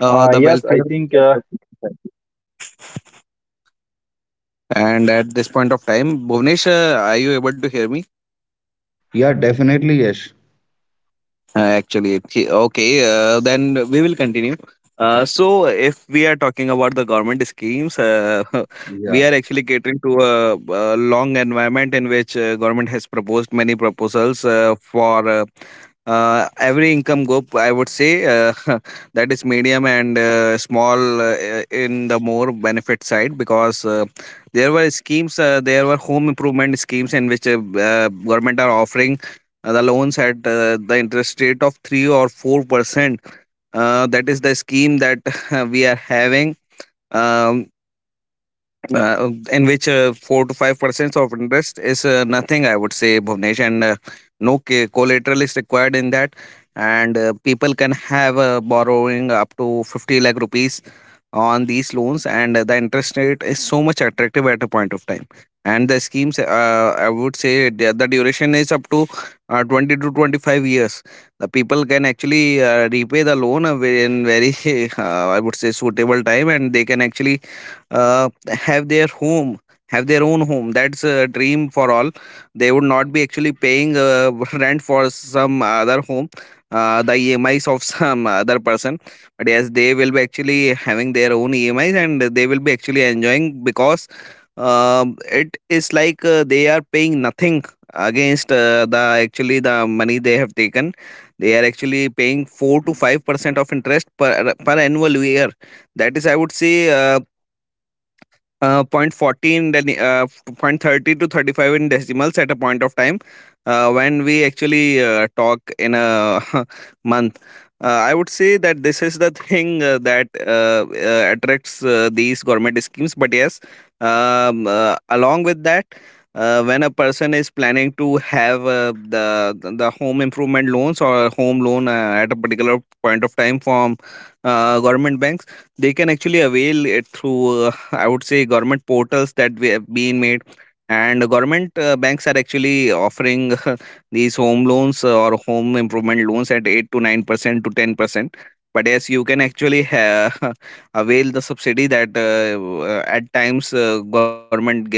[SPEAKER 2] the
[SPEAKER 1] Yes, I
[SPEAKER 2] welfare.
[SPEAKER 1] think you must be having network issue. No worries with that.
[SPEAKER 2] And at
[SPEAKER 1] But
[SPEAKER 2] this point
[SPEAKER 1] yes,
[SPEAKER 2] of time,
[SPEAKER 1] Bhuvnesh, like,
[SPEAKER 2] Bhuvnesh,
[SPEAKER 1] could you
[SPEAKER 2] are you
[SPEAKER 1] kindly
[SPEAKER 2] able to
[SPEAKER 1] help us
[SPEAKER 2] hear me?
[SPEAKER 1] or understand about
[SPEAKER 3] Yeah,
[SPEAKER 1] the
[SPEAKER 3] definitely yes.
[SPEAKER 1] government benefit or the government loan? I
[SPEAKER 2] Actually,
[SPEAKER 1] think
[SPEAKER 2] okay.
[SPEAKER 1] yes, must be
[SPEAKER 2] Okay,
[SPEAKER 1] having network issue.
[SPEAKER 2] Then
[SPEAKER 1] So
[SPEAKER 2] we will
[SPEAKER 1] yes,
[SPEAKER 2] continue.
[SPEAKER 1] Bhuvnesh, you can continue.
[SPEAKER 2] So, if we are talking about the government schemes, *laughs* we
[SPEAKER 3] Yeah,
[SPEAKER 2] are actually catering to a long environment in
[SPEAKER 1] Bhuvnesh, you are
[SPEAKER 2] which
[SPEAKER 1] not
[SPEAKER 2] government has
[SPEAKER 1] audible. I
[SPEAKER 2] proposed
[SPEAKER 1] think
[SPEAKER 2] many
[SPEAKER 1] please
[SPEAKER 2] proposals
[SPEAKER 1] check with your. I
[SPEAKER 2] for
[SPEAKER 1] think you can check with your mic. I think you
[SPEAKER 2] every
[SPEAKER 1] might be
[SPEAKER 2] income
[SPEAKER 1] having
[SPEAKER 2] group. I
[SPEAKER 1] some
[SPEAKER 2] would
[SPEAKER 1] issue
[SPEAKER 2] say *laughs*
[SPEAKER 1] with your
[SPEAKER 2] that is
[SPEAKER 1] mic, but
[SPEAKER 2] medium
[SPEAKER 1] no
[SPEAKER 2] and
[SPEAKER 1] worries. I think
[SPEAKER 2] small,
[SPEAKER 1] meanwhile you both
[SPEAKER 2] in
[SPEAKER 1] can
[SPEAKER 2] the more
[SPEAKER 1] fix. Maybe
[SPEAKER 2] benefit
[SPEAKER 1] Yas
[SPEAKER 2] side,
[SPEAKER 1] can fix
[SPEAKER 2] because
[SPEAKER 1] fix his
[SPEAKER 2] there were
[SPEAKER 1] network, and you
[SPEAKER 2] schemes,
[SPEAKER 1] can fix
[SPEAKER 2] there
[SPEAKER 1] your
[SPEAKER 2] were
[SPEAKER 1] mic.
[SPEAKER 2] home improvement
[SPEAKER 1] I think
[SPEAKER 2] schemes in
[SPEAKER 1] I
[SPEAKER 2] which
[SPEAKER 1] can go ahead with the
[SPEAKER 2] government are
[SPEAKER 1] discussion
[SPEAKER 2] offering
[SPEAKER 1] further. Like
[SPEAKER 2] the
[SPEAKER 1] when we
[SPEAKER 2] loans
[SPEAKER 1] talk
[SPEAKER 2] at
[SPEAKER 1] about the
[SPEAKER 2] the
[SPEAKER 1] home,
[SPEAKER 2] interest
[SPEAKER 1] you know,
[SPEAKER 2] rate of
[SPEAKER 1] like
[SPEAKER 2] 3 or
[SPEAKER 1] government loan. Yes,
[SPEAKER 2] 4%.
[SPEAKER 1] government
[SPEAKER 2] That is
[SPEAKER 1] also
[SPEAKER 2] the scheme
[SPEAKER 1] provide
[SPEAKER 2] that
[SPEAKER 1] us, you know,
[SPEAKER 2] *laughs*
[SPEAKER 1] a
[SPEAKER 2] we are
[SPEAKER 1] loan
[SPEAKER 2] having.
[SPEAKER 1] through the bank. We
[SPEAKER 2] Um,
[SPEAKER 1] can say, you know through the bank,
[SPEAKER 2] in
[SPEAKER 1] and
[SPEAKER 2] which
[SPEAKER 1] this type of
[SPEAKER 2] four to five
[SPEAKER 1] loans are
[SPEAKER 2] percent
[SPEAKER 1] avail,
[SPEAKER 2] of
[SPEAKER 1] we can
[SPEAKER 2] interest
[SPEAKER 1] avail this
[SPEAKER 2] is
[SPEAKER 1] type of
[SPEAKER 2] nothing, I
[SPEAKER 1] loan,
[SPEAKER 2] would
[SPEAKER 1] might
[SPEAKER 2] say,
[SPEAKER 1] be for
[SPEAKER 2] Bhuvnesh,
[SPEAKER 1] you know
[SPEAKER 2] and
[SPEAKER 1] repairing our
[SPEAKER 2] no
[SPEAKER 1] house, or
[SPEAKER 2] collateral is
[SPEAKER 1] and many
[SPEAKER 2] required in
[SPEAKER 1] other
[SPEAKER 2] that.
[SPEAKER 1] things, you know,
[SPEAKER 2] And
[SPEAKER 1] repairing
[SPEAKER 2] people
[SPEAKER 1] or
[SPEAKER 2] can
[SPEAKER 1] extension
[SPEAKER 2] have
[SPEAKER 1] of our house or
[SPEAKER 2] borrowing up
[SPEAKER 1] whatsoever
[SPEAKER 2] to
[SPEAKER 1] we can
[SPEAKER 2] 50 lakh
[SPEAKER 1] call. And
[SPEAKER 2] rupees
[SPEAKER 1] we get
[SPEAKER 2] on these loans, and
[SPEAKER 1] you
[SPEAKER 2] the
[SPEAKER 1] know like
[SPEAKER 2] interest
[SPEAKER 1] the
[SPEAKER 2] rate
[SPEAKER 1] home
[SPEAKER 2] is so
[SPEAKER 1] loan in
[SPEAKER 2] much
[SPEAKER 1] a very
[SPEAKER 2] attractive at a point
[SPEAKER 1] minimal
[SPEAKER 2] of time.
[SPEAKER 1] amount, you know,
[SPEAKER 2] And the
[SPEAKER 1] like a
[SPEAKER 2] schemes,
[SPEAKER 1] very minimum
[SPEAKER 2] I
[SPEAKER 1] rate.
[SPEAKER 2] would say,
[SPEAKER 1] So
[SPEAKER 2] the
[SPEAKER 1] there are
[SPEAKER 2] duration is
[SPEAKER 1] many
[SPEAKER 2] up to
[SPEAKER 1] people who
[SPEAKER 2] 20
[SPEAKER 1] also
[SPEAKER 2] to
[SPEAKER 1] like to
[SPEAKER 2] 25
[SPEAKER 1] avail,
[SPEAKER 2] years.
[SPEAKER 1] avail
[SPEAKER 2] The
[SPEAKER 1] government
[SPEAKER 2] people
[SPEAKER 1] loan and
[SPEAKER 2] can
[SPEAKER 1] all.
[SPEAKER 2] actually
[SPEAKER 1] And yes,
[SPEAKER 2] repay
[SPEAKER 1] there
[SPEAKER 2] the
[SPEAKER 1] are
[SPEAKER 2] loan
[SPEAKER 1] certain
[SPEAKER 2] in very,
[SPEAKER 1] government jobs
[SPEAKER 2] *laughs*
[SPEAKER 1] also
[SPEAKER 2] I would
[SPEAKER 1] there,
[SPEAKER 2] say,
[SPEAKER 1] you know, where
[SPEAKER 2] suitable time, and they can
[SPEAKER 1] uh,
[SPEAKER 2] actually
[SPEAKER 1] people
[SPEAKER 2] uh,
[SPEAKER 1] are
[SPEAKER 2] have
[SPEAKER 1] given
[SPEAKER 2] their
[SPEAKER 1] the
[SPEAKER 2] home
[SPEAKER 1] facilities
[SPEAKER 2] have their
[SPEAKER 1] to
[SPEAKER 2] own
[SPEAKER 1] avail
[SPEAKER 2] home.
[SPEAKER 1] loan
[SPEAKER 2] That's
[SPEAKER 1] also.
[SPEAKER 2] a
[SPEAKER 1] I know
[SPEAKER 2] dream
[SPEAKER 1] many
[SPEAKER 2] for
[SPEAKER 1] of
[SPEAKER 2] all.
[SPEAKER 1] my friends
[SPEAKER 2] They would
[SPEAKER 1] working in
[SPEAKER 2] not be actually
[SPEAKER 1] government
[SPEAKER 2] paying
[SPEAKER 1] institute, or
[SPEAKER 2] *laughs* rent
[SPEAKER 1] they are
[SPEAKER 2] for some other
[SPEAKER 1] like
[SPEAKER 2] home,
[SPEAKER 1] employed to
[SPEAKER 2] the
[SPEAKER 1] government
[SPEAKER 2] EMIs,
[SPEAKER 1] financial
[SPEAKER 2] some
[SPEAKER 1] sectors,
[SPEAKER 2] other
[SPEAKER 1] and you know
[SPEAKER 2] person.
[SPEAKER 1] they
[SPEAKER 2] But
[SPEAKER 1] get
[SPEAKER 2] yes, they
[SPEAKER 1] too
[SPEAKER 2] will be
[SPEAKER 1] much
[SPEAKER 2] actually
[SPEAKER 1] benefit
[SPEAKER 2] having
[SPEAKER 1] for
[SPEAKER 2] their own
[SPEAKER 1] this type
[SPEAKER 2] EMIs,
[SPEAKER 1] of
[SPEAKER 2] and
[SPEAKER 1] loan,
[SPEAKER 2] they will be
[SPEAKER 1] and they
[SPEAKER 2] actually
[SPEAKER 1] are given,
[SPEAKER 2] enjoying,
[SPEAKER 1] I think,
[SPEAKER 2] because
[SPEAKER 1] the home loan in a
[SPEAKER 2] it
[SPEAKER 1] very
[SPEAKER 2] is like
[SPEAKER 1] very much you
[SPEAKER 2] they are
[SPEAKER 1] know
[SPEAKER 2] paying nothing
[SPEAKER 1] comparing to market,
[SPEAKER 2] against
[SPEAKER 1] if you
[SPEAKER 2] uh,
[SPEAKER 1] see,
[SPEAKER 2] the
[SPEAKER 1] comparing
[SPEAKER 2] actually
[SPEAKER 1] to any
[SPEAKER 2] the
[SPEAKER 1] other
[SPEAKER 2] money they
[SPEAKER 1] places,
[SPEAKER 2] have
[SPEAKER 1] I think they
[SPEAKER 2] taken.
[SPEAKER 1] are given
[SPEAKER 2] They
[SPEAKER 1] in
[SPEAKER 2] are actually
[SPEAKER 1] 2% or
[SPEAKER 2] paying 4
[SPEAKER 1] sometimes
[SPEAKER 2] to 5
[SPEAKER 1] 3%
[SPEAKER 2] percent
[SPEAKER 1] less
[SPEAKER 2] of
[SPEAKER 1] than the
[SPEAKER 2] interest
[SPEAKER 1] market.
[SPEAKER 2] per
[SPEAKER 1] So
[SPEAKER 2] per annual
[SPEAKER 1] you know
[SPEAKER 2] year.
[SPEAKER 1] people those
[SPEAKER 2] That is, I would
[SPEAKER 1] working in
[SPEAKER 2] say,
[SPEAKER 1] a government institute and other thing, you know, or
[SPEAKER 2] point 0.40 in
[SPEAKER 1] in,
[SPEAKER 2] the,
[SPEAKER 1] with like
[SPEAKER 2] point
[SPEAKER 1] the
[SPEAKER 2] 0.30 to
[SPEAKER 1] finance
[SPEAKER 2] 35
[SPEAKER 1] industry,
[SPEAKER 2] in
[SPEAKER 1] so they
[SPEAKER 2] decimals
[SPEAKER 1] can
[SPEAKER 2] at a point
[SPEAKER 1] certainly
[SPEAKER 2] of
[SPEAKER 1] avail
[SPEAKER 2] time,
[SPEAKER 1] from the
[SPEAKER 2] when
[SPEAKER 1] organization they
[SPEAKER 2] we
[SPEAKER 1] are working. It
[SPEAKER 2] actually
[SPEAKER 1] is not only
[SPEAKER 2] talk
[SPEAKER 1] them,
[SPEAKER 2] in
[SPEAKER 1] but at
[SPEAKER 2] a
[SPEAKER 1] the
[SPEAKER 2] *laughs*
[SPEAKER 1] very same time
[SPEAKER 2] month.
[SPEAKER 1] for common
[SPEAKER 2] I
[SPEAKER 1] people,
[SPEAKER 2] would
[SPEAKER 1] you know,
[SPEAKER 2] say that
[SPEAKER 1] reaching
[SPEAKER 2] this is
[SPEAKER 1] out
[SPEAKER 2] the
[SPEAKER 1] to
[SPEAKER 2] thing
[SPEAKER 1] the
[SPEAKER 2] that
[SPEAKER 1] government institute or government, you
[SPEAKER 2] attracts
[SPEAKER 1] know, they are
[SPEAKER 2] these
[SPEAKER 1] applying
[SPEAKER 2] government
[SPEAKER 1] a
[SPEAKER 2] schemes.
[SPEAKER 1] loan.
[SPEAKER 2] But yes,
[SPEAKER 1] There are too many schemes that government
[SPEAKER 2] along
[SPEAKER 1] have
[SPEAKER 2] with
[SPEAKER 1] come
[SPEAKER 2] that,
[SPEAKER 1] up, you know,
[SPEAKER 2] when a
[SPEAKER 1] for the
[SPEAKER 2] person is
[SPEAKER 1] repair of the
[SPEAKER 2] planning to
[SPEAKER 1] house or for
[SPEAKER 2] have
[SPEAKER 1] the extension of the
[SPEAKER 2] the
[SPEAKER 1] house,
[SPEAKER 2] the
[SPEAKER 1] and for
[SPEAKER 2] home
[SPEAKER 1] several
[SPEAKER 2] improvement
[SPEAKER 1] other things.
[SPEAKER 2] loans or home
[SPEAKER 1] So
[SPEAKER 2] loan at a
[SPEAKER 1] yes,
[SPEAKER 2] particular point
[SPEAKER 1] government
[SPEAKER 2] of
[SPEAKER 1] do
[SPEAKER 2] time
[SPEAKER 1] help us
[SPEAKER 2] from
[SPEAKER 1] and government do
[SPEAKER 2] government
[SPEAKER 1] support
[SPEAKER 2] banks,
[SPEAKER 1] us to
[SPEAKER 2] they can
[SPEAKER 1] avail
[SPEAKER 2] actually
[SPEAKER 1] on, you know,
[SPEAKER 2] avail it
[SPEAKER 1] such type
[SPEAKER 2] through,
[SPEAKER 1] of loan.
[SPEAKER 2] I would
[SPEAKER 1] So I
[SPEAKER 2] say,
[SPEAKER 1] think,
[SPEAKER 2] government
[SPEAKER 1] yes, you
[SPEAKER 2] portals that we
[SPEAKER 1] both
[SPEAKER 2] have
[SPEAKER 1] would
[SPEAKER 2] been
[SPEAKER 1] like to
[SPEAKER 2] made,
[SPEAKER 1] add anything
[SPEAKER 2] and
[SPEAKER 1] on the type
[SPEAKER 2] government
[SPEAKER 1] of loan,
[SPEAKER 2] banks are
[SPEAKER 1] or else we
[SPEAKER 2] actually
[SPEAKER 1] can
[SPEAKER 2] offering
[SPEAKER 1] continue with the
[SPEAKER 2] *laughs*
[SPEAKER 1] very
[SPEAKER 2] these
[SPEAKER 1] next,
[SPEAKER 2] home
[SPEAKER 1] I
[SPEAKER 2] loans,
[SPEAKER 1] think,
[SPEAKER 2] or home
[SPEAKER 1] our
[SPEAKER 2] improvement loans,
[SPEAKER 1] discussion,
[SPEAKER 2] at
[SPEAKER 1] that is
[SPEAKER 2] eight to
[SPEAKER 1] like,
[SPEAKER 2] nine
[SPEAKER 1] yes,
[SPEAKER 2] percent
[SPEAKER 1] we
[SPEAKER 2] to
[SPEAKER 1] do
[SPEAKER 2] ten
[SPEAKER 1] have many more
[SPEAKER 2] percent.
[SPEAKER 1] things to
[SPEAKER 2] But
[SPEAKER 1] cover
[SPEAKER 2] yes,
[SPEAKER 1] up
[SPEAKER 2] you
[SPEAKER 1] in
[SPEAKER 2] can
[SPEAKER 1] the home
[SPEAKER 2] actually
[SPEAKER 1] improvement. Yes, getting
[SPEAKER 2] *laughs*
[SPEAKER 1] back to
[SPEAKER 2] avail
[SPEAKER 1] you
[SPEAKER 2] the
[SPEAKER 1] both.
[SPEAKER 2] subsidy that at times government gives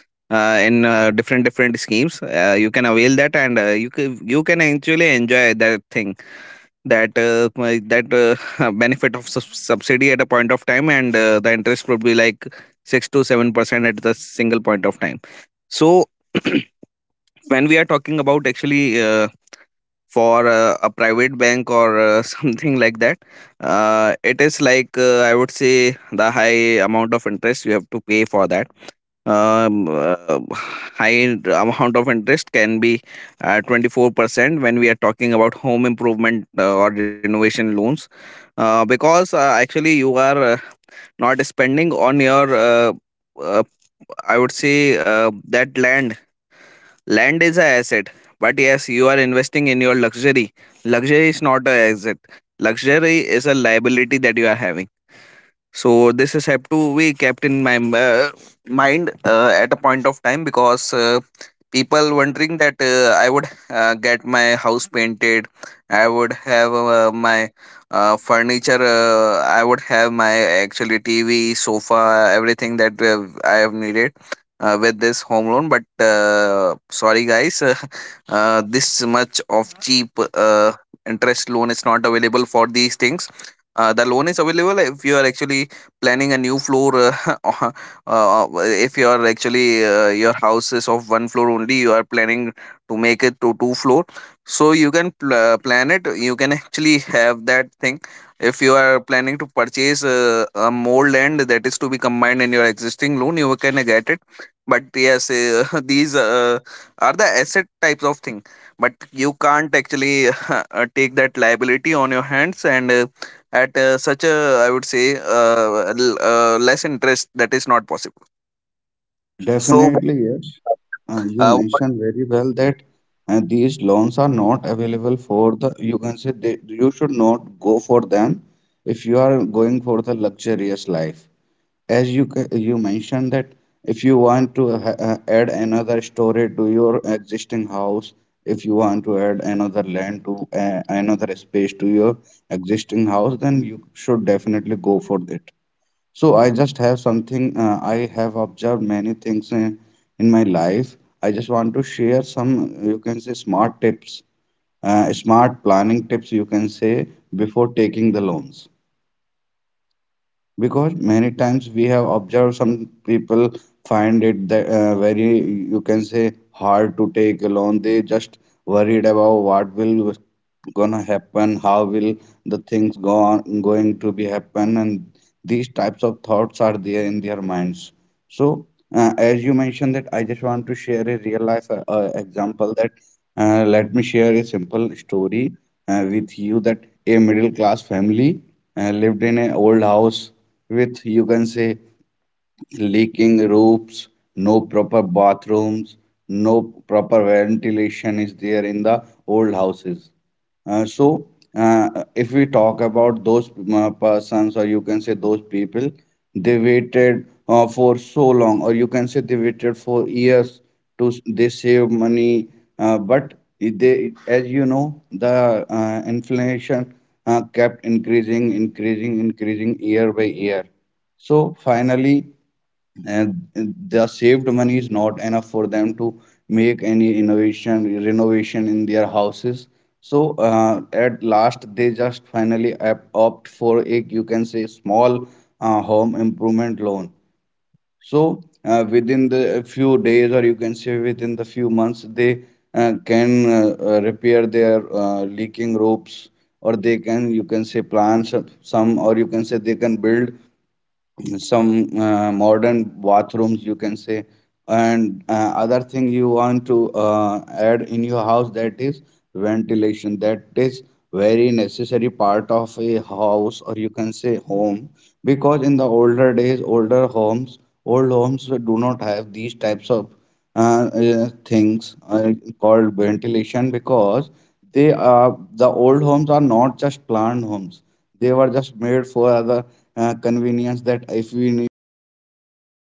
[SPEAKER 2] in different different schemes. You can avail that,
[SPEAKER 1] I
[SPEAKER 2] and
[SPEAKER 1] think
[SPEAKER 2] you can you can
[SPEAKER 1] both
[SPEAKER 2] actually
[SPEAKER 1] of you
[SPEAKER 2] enjoy
[SPEAKER 1] must be
[SPEAKER 2] that
[SPEAKER 1] you are
[SPEAKER 2] thing,
[SPEAKER 1] running
[SPEAKER 2] that
[SPEAKER 1] through a network
[SPEAKER 2] *laughs*
[SPEAKER 1] issue
[SPEAKER 2] benefit
[SPEAKER 1] at
[SPEAKER 2] of
[SPEAKER 1] this moment,
[SPEAKER 2] subsidy
[SPEAKER 1] so
[SPEAKER 2] at a
[SPEAKER 1] no
[SPEAKER 2] point of
[SPEAKER 1] worries. I
[SPEAKER 2] time,
[SPEAKER 1] think
[SPEAKER 2] and
[SPEAKER 1] we
[SPEAKER 2] the
[SPEAKER 1] can
[SPEAKER 2] interest would be
[SPEAKER 1] end
[SPEAKER 2] like
[SPEAKER 1] uh, end
[SPEAKER 2] 6
[SPEAKER 1] up
[SPEAKER 2] to
[SPEAKER 1] the
[SPEAKER 2] 7%
[SPEAKER 1] conversation
[SPEAKER 2] at the
[SPEAKER 1] here at this
[SPEAKER 2] single point of
[SPEAKER 1] point,
[SPEAKER 2] time.
[SPEAKER 1] and yeah,
[SPEAKER 2] So, *clears throat*
[SPEAKER 1] definitely we can
[SPEAKER 2] when we are
[SPEAKER 1] continue
[SPEAKER 2] talking
[SPEAKER 1] maybe in
[SPEAKER 2] about
[SPEAKER 1] some other
[SPEAKER 2] actually,
[SPEAKER 1] podcast discussing about
[SPEAKER 2] for a private
[SPEAKER 1] the
[SPEAKER 2] bank or
[SPEAKER 1] eligibility
[SPEAKER 2] *laughs* something
[SPEAKER 1] criteria
[SPEAKER 2] like that,
[SPEAKER 1] or
[SPEAKER 2] it
[SPEAKER 1] like the
[SPEAKER 2] is
[SPEAKER 1] type
[SPEAKER 2] like,
[SPEAKER 1] of
[SPEAKER 2] I would
[SPEAKER 1] loan and other
[SPEAKER 2] say,
[SPEAKER 1] things.
[SPEAKER 2] the
[SPEAKER 1] So
[SPEAKER 2] high
[SPEAKER 1] I
[SPEAKER 2] amount
[SPEAKER 1] think
[SPEAKER 2] of
[SPEAKER 1] before
[SPEAKER 2] interest you
[SPEAKER 1] we
[SPEAKER 2] have to
[SPEAKER 1] end
[SPEAKER 2] pay
[SPEAKER 1] up, I
[SPEAKER 2] for
[SPEAKER 1] think
[SPEAKER 2] that.
[SPEAKER 1] like let's me just you know put my
[SPEAKER 2] High
[SPEAKER 1] few thoughts onto
[SPEAKER 2] amount
[SPEAKER 1] it,
[SPEAKER 2] of
[SPEAKER 1] like the
[SPEAKER 2] interest
[SPEAKER 1] common
[SPEAKER 2] can be
[SPEAKER 1] uses or why one should
[SPEAKER 2] 24% when we
[SPEAKER 1] or
[SPEAKER 2] are
[SPEAKER 1] like
[SPEAKER 2] talking about
[SPEAKER 1] avail for
[SPEAKER 2] home
[SPEAKER 1] home
[SPEAKER 2] improvement
[SPEAKER 1] improvement loan
[SPEAKER 2] or
[SPEAKER 1] is like
[SPEAKER 2] renovation
[SPEAKER 1] certainly
[SPEAKER 2] loans,
[SPEAKER 1] when we talk about is
[SPEAKER 2] because
[SPEAKER 1] like you know
[SPEAKER 2] actually
[SPEAKER 1] about
[SPEAKER 2] you are
[SPEAKER 1] painting or even
[SPEAKER 2] not
[SPEAKER 1] people
[SPEAKER 2] spending
[SPEAKER 1] like
[SPEAKER 2] on
[SPEAKER 1] uh,
[SPEAKER 2] your
[SPEAKER 1] adding a floor or
[SPEAKER 2] uh,
[SPEAKER 1] marble to their
[SPEAKER 2] I would
[SPEAKER 1] houses and
[SPEAKER 2] say,
[SPEAKER 1] other thing. The
[SPEAKER 2] that
[SPEAKER 1] very
[SPEAKER 2] land.
[SPEAKER 1] next thing is we can talk about
[SPEAKER 2] Land is a
[SPEAKER 1] plumbing and
[SPEAKER 2] asset,
[SPEAKER 1] electricity
[SPEAKER 2] but
[SPEAKER 1] work
[SPEAKER 2] yes,
[SPEAKER 1] these
[SPEAKER 2] you
[SPEAKER 1] days
[SPEAKER 2] are
[SPEAKER 1] people
[SPEAKER 2] investing in
[SPEAKER 1] use
[SPEAKER 2] your
[SPEAKER 1] for the
[SPEAKER 2] luxury.
[SPEAKER 1] modern light and you
[SPEAKER 2] Luxury is
[SPEAKER 1] know
[SPEAKER 2] not a
[SPEAKER 1] many
[SPEAKER 2] asset.
[SPEAKER 1] other things. Plumbing is
[SPEAKER 2] Luxury
[SPEAKER 1] also
[SPEAKER 2] is a
[SPEAKER 1] necessary you
[SPEAKER 2] liability that
[SPEAKER 1] know
[SPEAKER 2] you are having.
[SPEAKER 1] changing our bathrooms
[SPEAKER 2] So
[SPEAKER 1] and
[SPEAKER 2] this
[SPEAKER 1] other
[SPEAKER 2] is have
[SPEAKER 1] other
[SPEAKER 2] to
[SPEAKER 1] places.
[SPEAKER 2] be kept in
[SPEAKER 1] And
[SPEAKER 2] my,
[SPEAKER 1] very next thing is like
[SPEAKER 2] mind,
[SPEAKER 1] kitchen, and all
[SPEAKER 2] at a
[SPEAKER 1] people do
[SPEAKER 2] point of time.
[SPEAKER 1] modify their
[SPEAKER 2] Because
[SPEAKER 1] kitchen so
[SPEAKER 2] people
[SPEAKER 1] with these
[SPEAKER 2] wondering
[SPEAKER 1] are
[SPEAKER 2] that,
[SPEAKER 1] the things. And
[SPEAKER 2] I
[SPEAKER 1] right
[SPEAKER 2] would
[SPEAKER 1] now we have come up
[SPEAKER 2] get
[SPEAKER 1] with
[SPEAKER 2] my
[SPEAKER 1] smart
[SPEAKER 2] house
[SPEAKER 1] kitchen
[SPEAKER 2] painted,
[SPEAKER 1] setup and other
[SPEAKER 2] I
[SPEAKER 1] things.
[SPEAKER 2] would
[SPEAKER 1] And
[SPEAKER 2] have uh,
[SPEAKER 1] certainly, you know,
[SPEAKER 2] my
[SPEAKER 1] there are so
[SPEAKER 2] uh,
[SPEAKER 1] many things like
[SPEAKER 2] furniture,
[SPEAKER 1] Bhuvnesh you have
[SPEAKER 2] I
[SPEAKER 1] added
[SPEAKER 2] would
[SPEAKER 1] to
[SPEAKER 2] have
[SPEAKER 1] it,
[SPEAKER 2] my
[SPEAKER 1] like, you know,
[SPEAKER 2] actually
[SPEAKER 1] furniture
[SPEAKER 2] TV,
[SPEAKER 1] and other,
[SPEAKER 2] sofa,
[SPEAKER 1] like
[SPEAKER 2] everything
[SPEAKER 1] adding
[SPEAKER 2] that
[SPEAKER 1] up furniture
[SPEAKER 2] I
[SPEAKER 1] in
[SPEAKER 2] have
[SPEAKER 1] our house
[SPEAKER 2] needed
[SPEAKER 1] or many other
[SPEAKER 2] With
[SPEAKER 1] things.
[SPEAKER 2] this home loan.
[SPEAKER 1] The
[SPEAKER 2] But
[SPEAKER 1] very next thing that we could go
[SPEAKER 2] sorry,
[SPEAKER 1] is like
[SPEAKER 2] guys, *laughs*
[SPEAKER 1] eligibility
[SPEAKER 2] this
[SPEAKER 1] criteria.
[SPEAKER 2] much
[SPEAKER 1] When
[SPEAKER 2] of
[SPEAKER 1] we talk about
[SPEAKER 2] cheap
[SPEAKER 1] eligibility factors
[SPEAKER 2] interest
[SPEAKER 1] or
[SPEAKER 2] loan is not
[SPEAKER 1] criteria, yeah, the
[SPEAKER 2] available for
[SPEAKER 1] very
[SPEAKER 2] these
[SPEAKER 1] first thing
[SPEAKER 2] things.
[SPEAKER 1] that comes is
[SPEAKER 2] The loan is
[SPEAKER 1] yeah, about
[SPEAKER 2] available
[SPEAKER 1] age.
[SPEAKER 2] if
[SPEAKER 1] You
[SPEAKER 2] you are
[SPEAKER 1] know, one's
[SPEAKER 2] actually
[SPEAKER 1] need to
[SPEAKER 2] planning a
[SPEAKER 1] be in
[SPEAKER 2] new
[SPEAKER 1] a
[SPEAKER 2] floor,
[SPEAKER 1] age
[SPEAKER 2] *laughs*
[SPEAKER 1] group of, you know,
[SPEAKER 2] uh,
[SPEAKER 1] 21 to maybe
[SPEAKER 2] if you are
[SPEAKER 1] 65, or
[SPEAKER 2] actually
[SPEAKER 1] sometimes, you
[SPEAKER 2] your
[SPEAKER 1] know,
[SPEAKER 2] house
[SPEAKER 1] certain
[SPEAKER 2] is
[SPEAKER 1] bank
[SPEAKER 2] of one floor only, you
[SPEAKER 1] also
[SPEAKER 2] are
[SPEAKER 1] it
[SPEAKER 2] planning
[SPEAKER 1] gives people
[SPEAKER 2] to
[SPEAKER 1] for the
[SPEAKER 2] make it
[SPEAKER 1] age
[SPEAKER 2] to
[SPEAKER 1] of
[SPEAKER 2] two floor.
[SPEAKER 1] 70. And another thing
[SPEAKER 2] So
[SPEAKER 1] is
[SPEAKER 2] you
[SPEAKER 1] like you
[SPEAKER 2] can
[SPEAKER 1] know you need to have
[SPEAKER 2] plan
[SPEAKER 1] a
[SPEAKER 2] it. You
[SPEAKER 1] stable
[SPEAKER 2] can
[SPEAKER 1] source
[SPEAKER 2] actually
[SPEAKER 1] of income,
[SPEAKER 2] have that thing.
[SPEAKER 1] yeah
[SPEAKER 2] If
[SPEAKER 1] you
[SPEAKER 2] you
[SPEAKER 1] should
[SPEAKER 2] are
[SPEAKER 1] either
[SPEAKER 2] planning to
[SPEAKER 1] be a
[SPEAKER 2] purchase
[SPEAKER 1] salaried person
[SPEAKER 2] a
[SPEAKER 1] you know
[SPEAKER 2] more
[SPEAKER 1] who is
[SPEAKER 2] land
[SPEAKER 1] able
[SPEAKER 2] that is
[SPEAKER 1] to
[SPEAKER 2] to be combined in your
[SPEAKER 1] show the
[SPEAKER 2] existing
[SPEAKER 1] bank
[SPEAKER 2] loan, you can
[SPEAKER 1] statement
[SPEAKER 2] get it.
[SPEAKER 1] receiving from
[SPEAKER 2] But
[SPEAKER 1] the
[SPEAKER 2] yes,
[SPEAKER 1] organization
[SPEAKER 2] *laughs* these
[SPEAKER 1] he is
[SPEAKER 2] are the
[SPEAKER 1] working or
[SPEAKER 2] asset
[SPEAKER 1] he
[SPEAKER 2] types
[SPEAKER 1] is
[SPEAKER 2] of thing.
[SPEAKER 1] employed to.
[SPEAKER 2] But
[SPEAKER 1] And the very
[SPEAKER 2] you
[SPEAKER 1] next thing
[SPEAKER 2] can't
[SPEAKER 1] is yes
[SPEAKER 2] actually *laughs*
[SPEAKER 1] again
[SPEAKER 2] take that liability
[SPEAKER 1] now
[SPEAKER 2] on your
[SPEAKER 1] there are
[SPEAKER 2] hands, and
[SPEAKER 1] people who are
[SPEAKER 2] at
[SPEAKER 1] self-employed, so
[SPEAKER 2] such a,
[SPEAKER 1] in that
[SPEAKER 2] I would
[SPEAKER 1] case
[SPEAKER 2] say,
[SPEAKER 1] people need to show
[SPEAKER 2] less
[SPEAKER 1] like the
[SPEAKER 2] interest, that
[SPEAKER 1] income,
[SPEAKER 2] is not
[SPEAKER 1] their
[SPEAKER 2] possible.
[SPEAKER 1] income proof, or like the tax
[SPEAKER 2] So
[SPEAKER 1] they
[SPEAKER 3] definitely
[SPEAKER 1] are
[SPEAKER 3] yes.
[SPEAKER 1] paying to the
[SPEAKER 3] Uh,
[SPEAKER 1] government.
[SPEAKER 3] you
[SPEAKER 2] uh,
[SPEAKER 1] So
[SPEAKER 3] mentioned
[SPEAKER 1] these
[SPEAKER 3] very
[SPEAKER 1] are the
[SPEAKER 3] well
[SPEAKER 1] you
[SPEAKER 3] that
[SPEAKER 1] know the
[SPEAKER 3] these
[SPEAKER 1] criteria. The very
[SPEAKER 3] loans are
[SPEAKER 1] next thing
[SPEAKER 3] not
[SPEAKER 1] is
[SPEAKER 3] available
[SPEAKER 1] yes,
[SPEAKER 3] for the,
[SPEAKER 1] certainly
[SPEAKER 3] you
[SPEAKER 1] the
[SPEAKER 3] can say
[SPEAKER 1] civil
[SPEAKER 3] they,
[SPEAKER 1] score. You
[SPEAKER 3] you
[SPEAKER 1] need
[SPEAKER 3] should
[SPEAKER 1] a very
[SPEAKER 3] not
[SPEAKER 1] good
[SPEAKER 3] go for
[SPEAKER 1] civil score,
[SPEAKER 3] them
[SPEAKER 1] okay,
[SPEAKER 3] if you
[SPEAKER 1] which is
[SPEAKER 3] are going for
[SPEAKER 1] preferably
[SPEAKER 3] the
[SPEAKER 1] you think I
[SPEAKER 3] luxurious
[SPEAKER 1] this
[SPEAKER 3] life.
[SPEAKER 1] at this point I
[SPEAKER 3] As
[SPEAKER 1] think it
[SPEAKER 3] you
[SPEAKER 1] is
[SPEAKER 3] mentioned that
[SPEAKER 1] 710
[SPEAKER 3] if
[SPEAKER 1] and
[SPEAKER 3] you
[SPEAKER 1] above. You
[SPEAKER 3] want
[SPEAKER 1] know, so
[SPEAKER 3] to
[SPEAKER 1] if you have
[SPEAKER 3] add
[SPEAKER 1] that civil
[SPEAKER 3] another
[SPEAKER 1] score,
[SPEAKER 3] story
[SPEAKER 1] so
[SPEAKER 3] to
[SPEAKER 1] you can
[SPEAKER 3] your
[SPEAKER 1] easily
[SPEAKER 3] existing
[SPEAKER 1] avail, and you
[SPEAKER 3] house,
[SPEAKER 1] will not have
[SPEAKER 3] if you
[SPEAKER 1] any
[SPEAKER 3] want to add
[SPEAKER 1] problem.
[SPEAKER 3] another
[SPEAKER 1] And
[SPEAKER 3] land to
[SPEAKER 1] and there is another
[SPEAKER 3] another
[SPEAKER 1] thing that
[SPEAKER 3] space
[SPEAKER 1] is
[SPEAKER 3] to your
[SPEAKER 1] nationality. You
[SPEAKER 3] existing
[SPEAKER 1] should be the
[SPEAKER 3] house, then you
[SPEAKER 1] citizen of
[SPEAKER 3] should
[SPEAKER 1] the
[SPEAKER 3] definitely
[SPEAKER 1] one
[SPEAKER 3] go for
[SPEAKER 1] country, you
[SPEAKER 3] it.
[SPEAKER 1] know, whichsoever
[SPEAKER 3] So I
[SPEAKER 1] country you are
[SPEAKER 3] just
[SPEAKER 1] well
[SPEAKER 3] have
[SPEAKER 1] known. If
[SPEAKER 3] something,
[SPEAKER 1] we talk
[SPEAKER 3] I
[SPEAKER 1] about
[SPEAKER 3] have
[SPEAKER 1] India,
[SPEAKER 3] observed
[SPEAKER 1] yes,
[SPEAKER 3] many
[SPEAKER 1] you should
[SPEAKER 3] things
[SPEAKER 1] be the citizen of
[SPEAKER 3] in my
[SPEAKER 1] India.
[SPEAKER 3] life.
[SPEAKER 1] And
[SPEAKER 3] I
[SPEAKER 1] you
[SPEAKER 3] just
[SPEAKER 1] and,
[SPEAKER 3] want to
[SPEAKER 1] and
[SPEAKER 3] share
[SPEAKER 1] other thing is you
[SPEAKER 3] some,
[SPEAKER 1] need
[SPEAKER 3] you
[SPEAKER 1] to be
[SPEAKER 3] can
[SPEAKER 1] the
[SPEAKER 3] say,
[SPEAKER 1] owner
[SPEAKER 3] smart
[SPEAKER 1] of the
[SPEAKER 3] tips,
[SPEAKER 1] property, you know, like where,
[SPEAKER 3] smart
[SPEAKER 1] wheresoever you
[SPEAKER 3] planning
[SPEAKER 1] want
[SPEAKER 3] tips,
[SPEAKER 1] to
[SPEAKER 3] you
[SPEAKER 1] make
[SPEAKER 3] can say,
[SPEAKER 1] renovation. It is
[SPEAKER 3] before
[SPEAKER 1] not like
[SPEAKER 3] taking the
[SPEAKER 1] I stay in
[SPEAKER 3] loans,
[SPEAKER 1] a rented apartment and I'm thinking of, you
[SPEAKER 3] because
[SPEAKER 1] know, *laughs* like
[SPEAKER 3] many
[SPEAKER 1] uh,
[SPEAKER 3] times we have
[SPEAKER 1] uh,
[SPEAKER 3] observed some people
[SPEAKER 1] improving the
[SPEAKER 3] find
[SPEAKER 1] interior
[SPEAKER 3] it
[SPEAKER 1] there, or
[SPEAKER 3] that
[SPEAKER 1] I work in a
[SPEAKER 3] very,
[SPEAKER 1] government
[SPEAKER 3] you can
[SPEAKER 1] sector
[SPEAKER 3] say,
[SPEAKER 1] and I stay in a
[SPEAKER 3] hard to take a loan.
[SPEAKER 1] quarter
[SPEAKER 3] They
[SPEAKER 1] provided
[SPEAKER 3] just
[SPEAKER 1] by the government,
[SPEAKER 3] worried
[SPEAKER 1] so I
[SPEAKER 3] about
[SPEAKER 1] cannot
[SPEAKER 3] what
[SPEAKER 1] you know do
[SPEAKER 3] will
[SPEAKER 1] the renovation there
[SPEAKER 3] gonna
[SPEAKER 1] or
[SPEAKER 3] happen,
[SPEAKER 1] avail
[SPEAKER 3] how
[SPEAKER 1] loan
[SPEAKER 3] will
[SPEAKER 1] from there. You
[SPEAKER 3] the
[SPEAKER 1] can do
[SPEAKER 3] things go
[SPEAKER 1] renovation, but
[SPEAKER 3] on
[SPEAKER 1] you
[SPEAKER 3] going
[SPEAKER 1] will
[SPEAKER 3] to be
[SPEAKER 1] not be paid
[SPEAKER 3] happen,
[SPEAKER 1] loan
[SPEAKER 3] and
[SPEAKER 1] on such
[SPEAKER 3] these
[SPEAKER 1] such uh,
[SPEAKER 3] types of
[SPEAKER 1] places,
[SPEAKER 3] thoughts
[SPEAKER 1] so
[SPEAKER 3] are
[SPEAKER 1] you should
[SPEAKER 3] there in their
[SPEAKER 1] be the
[SPEAKER 3] minds.
[SPEAKER 1] property owner.
[SPEAKER 3] So
[SPEAKER 1] And yes,
[SPEAKER 3] as you
[SPEAKER 1] certainly when
[SPEAKER 3] mentioned
[SPEAKER 1] we
[SPEAKER 3] that, I
[SPEAKER 1] talk
[SPEAKER 3] just
[SPEAKER 1] about
[SPEAKER 3] want
[SPEAKER 1] the
[SPEAKER 3] to
[SPEAKER 1] very
[SPEAKER 3] share a
[SPEAKER 1] last
[SPEAKER 3] real
[SPEAKER 1] thing that
[SPEAKER 3] life
[SPEAKER 1] is
[SPEAKER 3] example. That
[SPEAKER 1] documentation, you will need
[SPEAKER 3] let me
[SPEAKER 1] like
[SPEAKER 3] share a
[SPEAKER 1] uh,
[SPEAKER 3] simple
[SPEAKER 1] the
[SPEAKER 3] story
[SPEAKER 1] very common
[SPEAKER 3] with you,
[SPEAKER 1] document that
[SPEAKER 3] that
[SPEAKER 1] is like
[SPEAKER 3] a middle
[SPEAKER 1] address proof,
[SPEAKER 3] class
[SPEAKER 1] maybe pan
[SPEAKER 3] family
[SPEAKER 1] card other card,
[SPEAKER 3] lived in an
[SPEAKER 1] passport, or
[SPEAKER 3] old
[SPEAKER 1] voter
[SPEAKER 3] house
[SPEAKER 1] id anything.
[SPEAKER 3] with, you
[SPEAKER 1] And
[SPEAKER 3] can
[SPEAKER 1] very
[SPEAKER 3] say,
[SPEAKER 1] next thing is like I mentioned, it could
[SPEAKER 3] leaking
[SPEAKER 1] be income
[SPEAKER 3] roofs,
[SPEAKER 1] proof,
[SPEAKER 3] no
[SPEAKER 1] maybe a
[SPEAKER 3] proper
[SPEAKER 1] salary slip,
[SPEAKER 3] bathrooms,
[SPEAKER 1] bank statement,
[SPEAKER 3] no
[SPEAKER 1] or like
[SPEAKER 3] proper
[SPEAKER 1] we like I
[SPEAKER 3] ventilation
[SPEAKER 1] told
[SPEAKER 3] is
[SPEAKER 1] about,
[SPEAKER 3] there
[SPEAKER 1] you
[SPEAKER 3] in
[SPEAKER 1] know,
[SPEAKER 3] the
[SPEAKER 1] for an
[SPEAKER 3] old
[SPEAKER 1] individual
[SPEAKER 3] houses.
[SPEAKER 1] person, those
[SPEAKER 3] Uh,
[SPEAKER 1] who are
[SPEAKER 3] so,
[SPEAKER 1] self-employed, they
[SPEAKER 3] uh,
[SPEAKER 1] can
[SPEAKER 3] if
[SPEAKER 1] provide
[SPEAKER 3] we talk about those
[SPEAKER 1] ITR
[SPEAKER 3] persons,
[SPEAKER 1] and
[SPEAKER 3] or you
[SPEAKER 1] other
[SPEAKER 3] can
[SPEAKER 1] thing
[SPEAKER 3] say
[SPEAKER 1] like the
[SPEAKER 3] those
[SPEAKER 1] tax
[SPEAKER 3] people,
[SPEAKER 1] information and
[SPEAKER 3] they
[SPEAKER 1] other thing.
[SPEAKER 3] waited
[SPEAKER 1] Then you need
[SPEAKER 3] for
[SPEAKER 1] your
[SPEAKER 3] so long,
[SPEAKER 1] property
[SPEAKER 3] or you can
[SPEAKER 1] document,
[SPEAKER 3] say they
[SPEAKER 1] maybe a
[SPEAKER 3] waited
[SPEAKER 1] sale
[SPEAKER 3] for
[SPEAKER 1] agreement
[SPEAKER 3] years
[SPEAKER 1] or a sale
[SPEAKER 3] they save
[SPEAKER 1] agreement, or you know
[SPEAKER 3] money,
[SPEAKER 1] any of the
[SPEAKER 3] but
[SPEAKER 1] deeds that
[SPEAKER 3] they,
[SPEAKER 1] you have
[SPEAKER 3] as you
[SPEAKER 1] of the
[SPEAKER 3] know,
[SPEAKER 1] property.
[SPEAKER 3] the
[SPEAKER 1] And certainly, like
[SPEAKER 3] inflation
[SPEAKER 1] Bhuvnesh, you also
[SPEAKER 3] kept
[SPEAKER 1] mentioned very
[SPEAKER 3] increasing,
[SPEAKER 1] well, like we
[SPEAKER 3] increasing,
[SPEAKER 1] need the
[SPEAKER 3] increasing year
[SPEAKER 1] budget
[SPEAKER 3] by
[SPEAKER 1] to
[SPEAKER 3] year.
[SPEAKER 1] present in the
[SPEAKER 3] So
[SPEAKER 1] to
[SPEAKER 3] finally,
[SPEAKER 1] the government, to the bank.
[SPEAKER 3] and
[SPEAKER 1] You know, like
[SPEAKER 3] the
[SPEAKER 1] what is the
[SPEAKER 3] saved money
[SPEAKER 1] estimate
[SPEAKER 3] is not
[SPEAKER 1] cost and
[SPEAKER 3] enough for them to
[SPEAKER 1] what is the labor
[SPEAKER 3] make
[SPEAKER 1] cost,
[SPEAKER 3] any
[SPEAKER 1] what is the
[SPEAKER 3] innovation
[SPEAKER 1] material cost. You
[SPEAKER 3] renovation
[SPEAKER 1] know,
[SPEAKER 3] in
[SPEAKER 1] the
[SPEAKER 3] their
[SPEAKER 1] time period
[SPEAKER 3] houses.
[SPEAKER 1] taken and
[SPEAKER 3] So
[SPEAKER 1] other thing. And yes,
[SPEAKER 3] at
[SPEAKER 1] and
[SPEAKER 3] last they
[SPEAKER 1] certainly.
[SPEAKER 3] just
[SPEAKER 1] So
[SPEAKER 3] finally
[SPEAKER 1] that's it from
[SPEAKER 3] opt
[SPEAKER 1] my
[SPEAKER 3] for a,
[SPEAKER 1] end. I
[SPEAKER 3] you
[SPEAKER 1] think
[SPEAKER 3] can say, small
[SPEAKER 1] we can
[SPEAKER 3] home
[SPEAKER 1] end up with the
[SPEAKER 3] improvement loan.
[SPEAKER 1] discussion. Yes, I
[SPEAKER 3] So
[SPEAKER 1] understand.
[SPEAKER 3] within
[SPEAKER 1] It is a
[SPEAKER 3] the
[SPEAKER 1] winter
[SPEAKER 3] few days,
[SPEAKER 1] morning,
[SPEAKER 3] or you
[SPEAKER 1] a
[SPEAKER 3] can
[SPEAKER 1] really
[SPEAKER 3] say
[SPEAKER 1] foggy
[SPEAKER 3] within the
[SPEAKER 1] time.
[SPEAKER 3] few
[SPEAKER 1] So
[SPEAKER 3] months,
[SPEAKER 1] in
[SPEAKER 3] they
[SPEAKER 1] everywhere.
[SPEAKER 3] can
[SPEAKER 1] You know people are
[SPEAKER 3] repair their
[SPEAKER 1] facing network issue
[SPEAKER 3] leaking
[SPEAKER 1] at this
[SPEAKER 3] roofs,
[SPEAKER 1] moment,
[SPEAKER 3] or they can, you can say,
[SPEAKER 1] the, I
[SPEAKER 3] plan
[SPEAKER 1] think we
[SPEAKER 3] some
[SPEAKER 1] can wrap
[SPEAKER 3] some,
[SPEAKER 1] up the
[SPEAKER 3] or you can say they can
[SPEAKER 1] conversations.
[SPEAKER 3] build
[SPEAKER 1] And we
[SPEAKER 3] some
[SPEAKER 1] can I think
[SPEAKER 3] modern
[SPEAKER 1] join the very
[SPEAKER 3] bathrooms, you
[SPEAKER 1] next
[SPEAKER 3] can say.
[SPEAKER 1] podcast, you know, if you
[SPEAKER 3] And
[SPEAKER 1] both are
[SPEAKER 3] other
[SPEAKER 1] having
[SPEAKER 3] thing
[SPEAKER 1] a
[SPEAKER 3] you want
[SPEAKER 1] stable
[SPEAKER 3] to
[SPEAKER 1] network.
[SPEAKER 3] add in
[SPEAKER 1] So
[SPEAKER 3] your
[SPEAKER 1] yeah,
[SPEAKER 3] house, that
[SPEAKER 1] certainly
[SPEAKER 3] is
[SPEAKER 1] network issues are taking
[SPEAKER 3] ventilation,
[SPEAKER 1] place
[SPEAKER 3] that
[SPEAKER 1] everywhere
[SPEAKER 3] is
[SPEAKER 1] due to
[SPEAKER 3] very necessary
[SPEAKER 1] uh,
[SPEAKER 3] part of a
[SPEAKER 1] the foggy
[SPEAKER 3] house, or
[SPEAKER 1] weather
[SPEAKER 3] you
[SPEAKER 1] or
[SPEAKER 3] can
[SPEAKER 1] due
[SPEAKER 3] say
[SPEAKER 1] to all of a
[SPEAKER 3] home,
[SPEAKER 1] sudden change
[SPEAKER 3] because
[SPEAKER 1] in the
[SPEAKER 3] in the
[SPEAKER 1] weather. So
[SPEAKER 3] older days
[SPEAKER 1] thank you, Bhuvnesh, and thank you,
[SPEAKER 3] old
[SPEAKER 1] yes,
[SPEAKER 3] homes do not have
[SPEAKER 1] both of
[SPEAKER 3] these
[SPEAKER 1] you, you
[SPEAKER 3] types
[SPEAKER 1] know,
[SPEAKER 3] of
[SPEAKER 1] having
[SPEAKER 3] things
[SPEAKER 1] both of you in
[SPEAKER 3] called
[SPEAKER 1] the
[SPEAKER 3] ventilation,
[SPEAKER 1] conversation and making
[SPEAKER 3] because
[SPEAKER 1] the conversation really
[SPEAKER 3] the old
[SPEAKER 1] wonderful
[SPEAKER 3] homes
[SPEAKER 1] and,
[SPEAKER 3] are
[SPEAKER 1] you know,
[SPEAKER 3] not just planned
[SPEAKER 1] really a
[SPEAKER 3] homes,
[SPEAKER 1] productive
[SPEAKER 3] they
[SPEAKER 1] one.
[SPEAKER 3] were
[SPEAKER 1] So
[SPEAKER 3] just
[SPEAKER 1] thank you,
[SPEAKER 3] made
[SPEAKER 1] both of
[SPEAKER 3] for
[SPEAKER 1] you.
[SPEAKER 3] the convenience that if we need one room,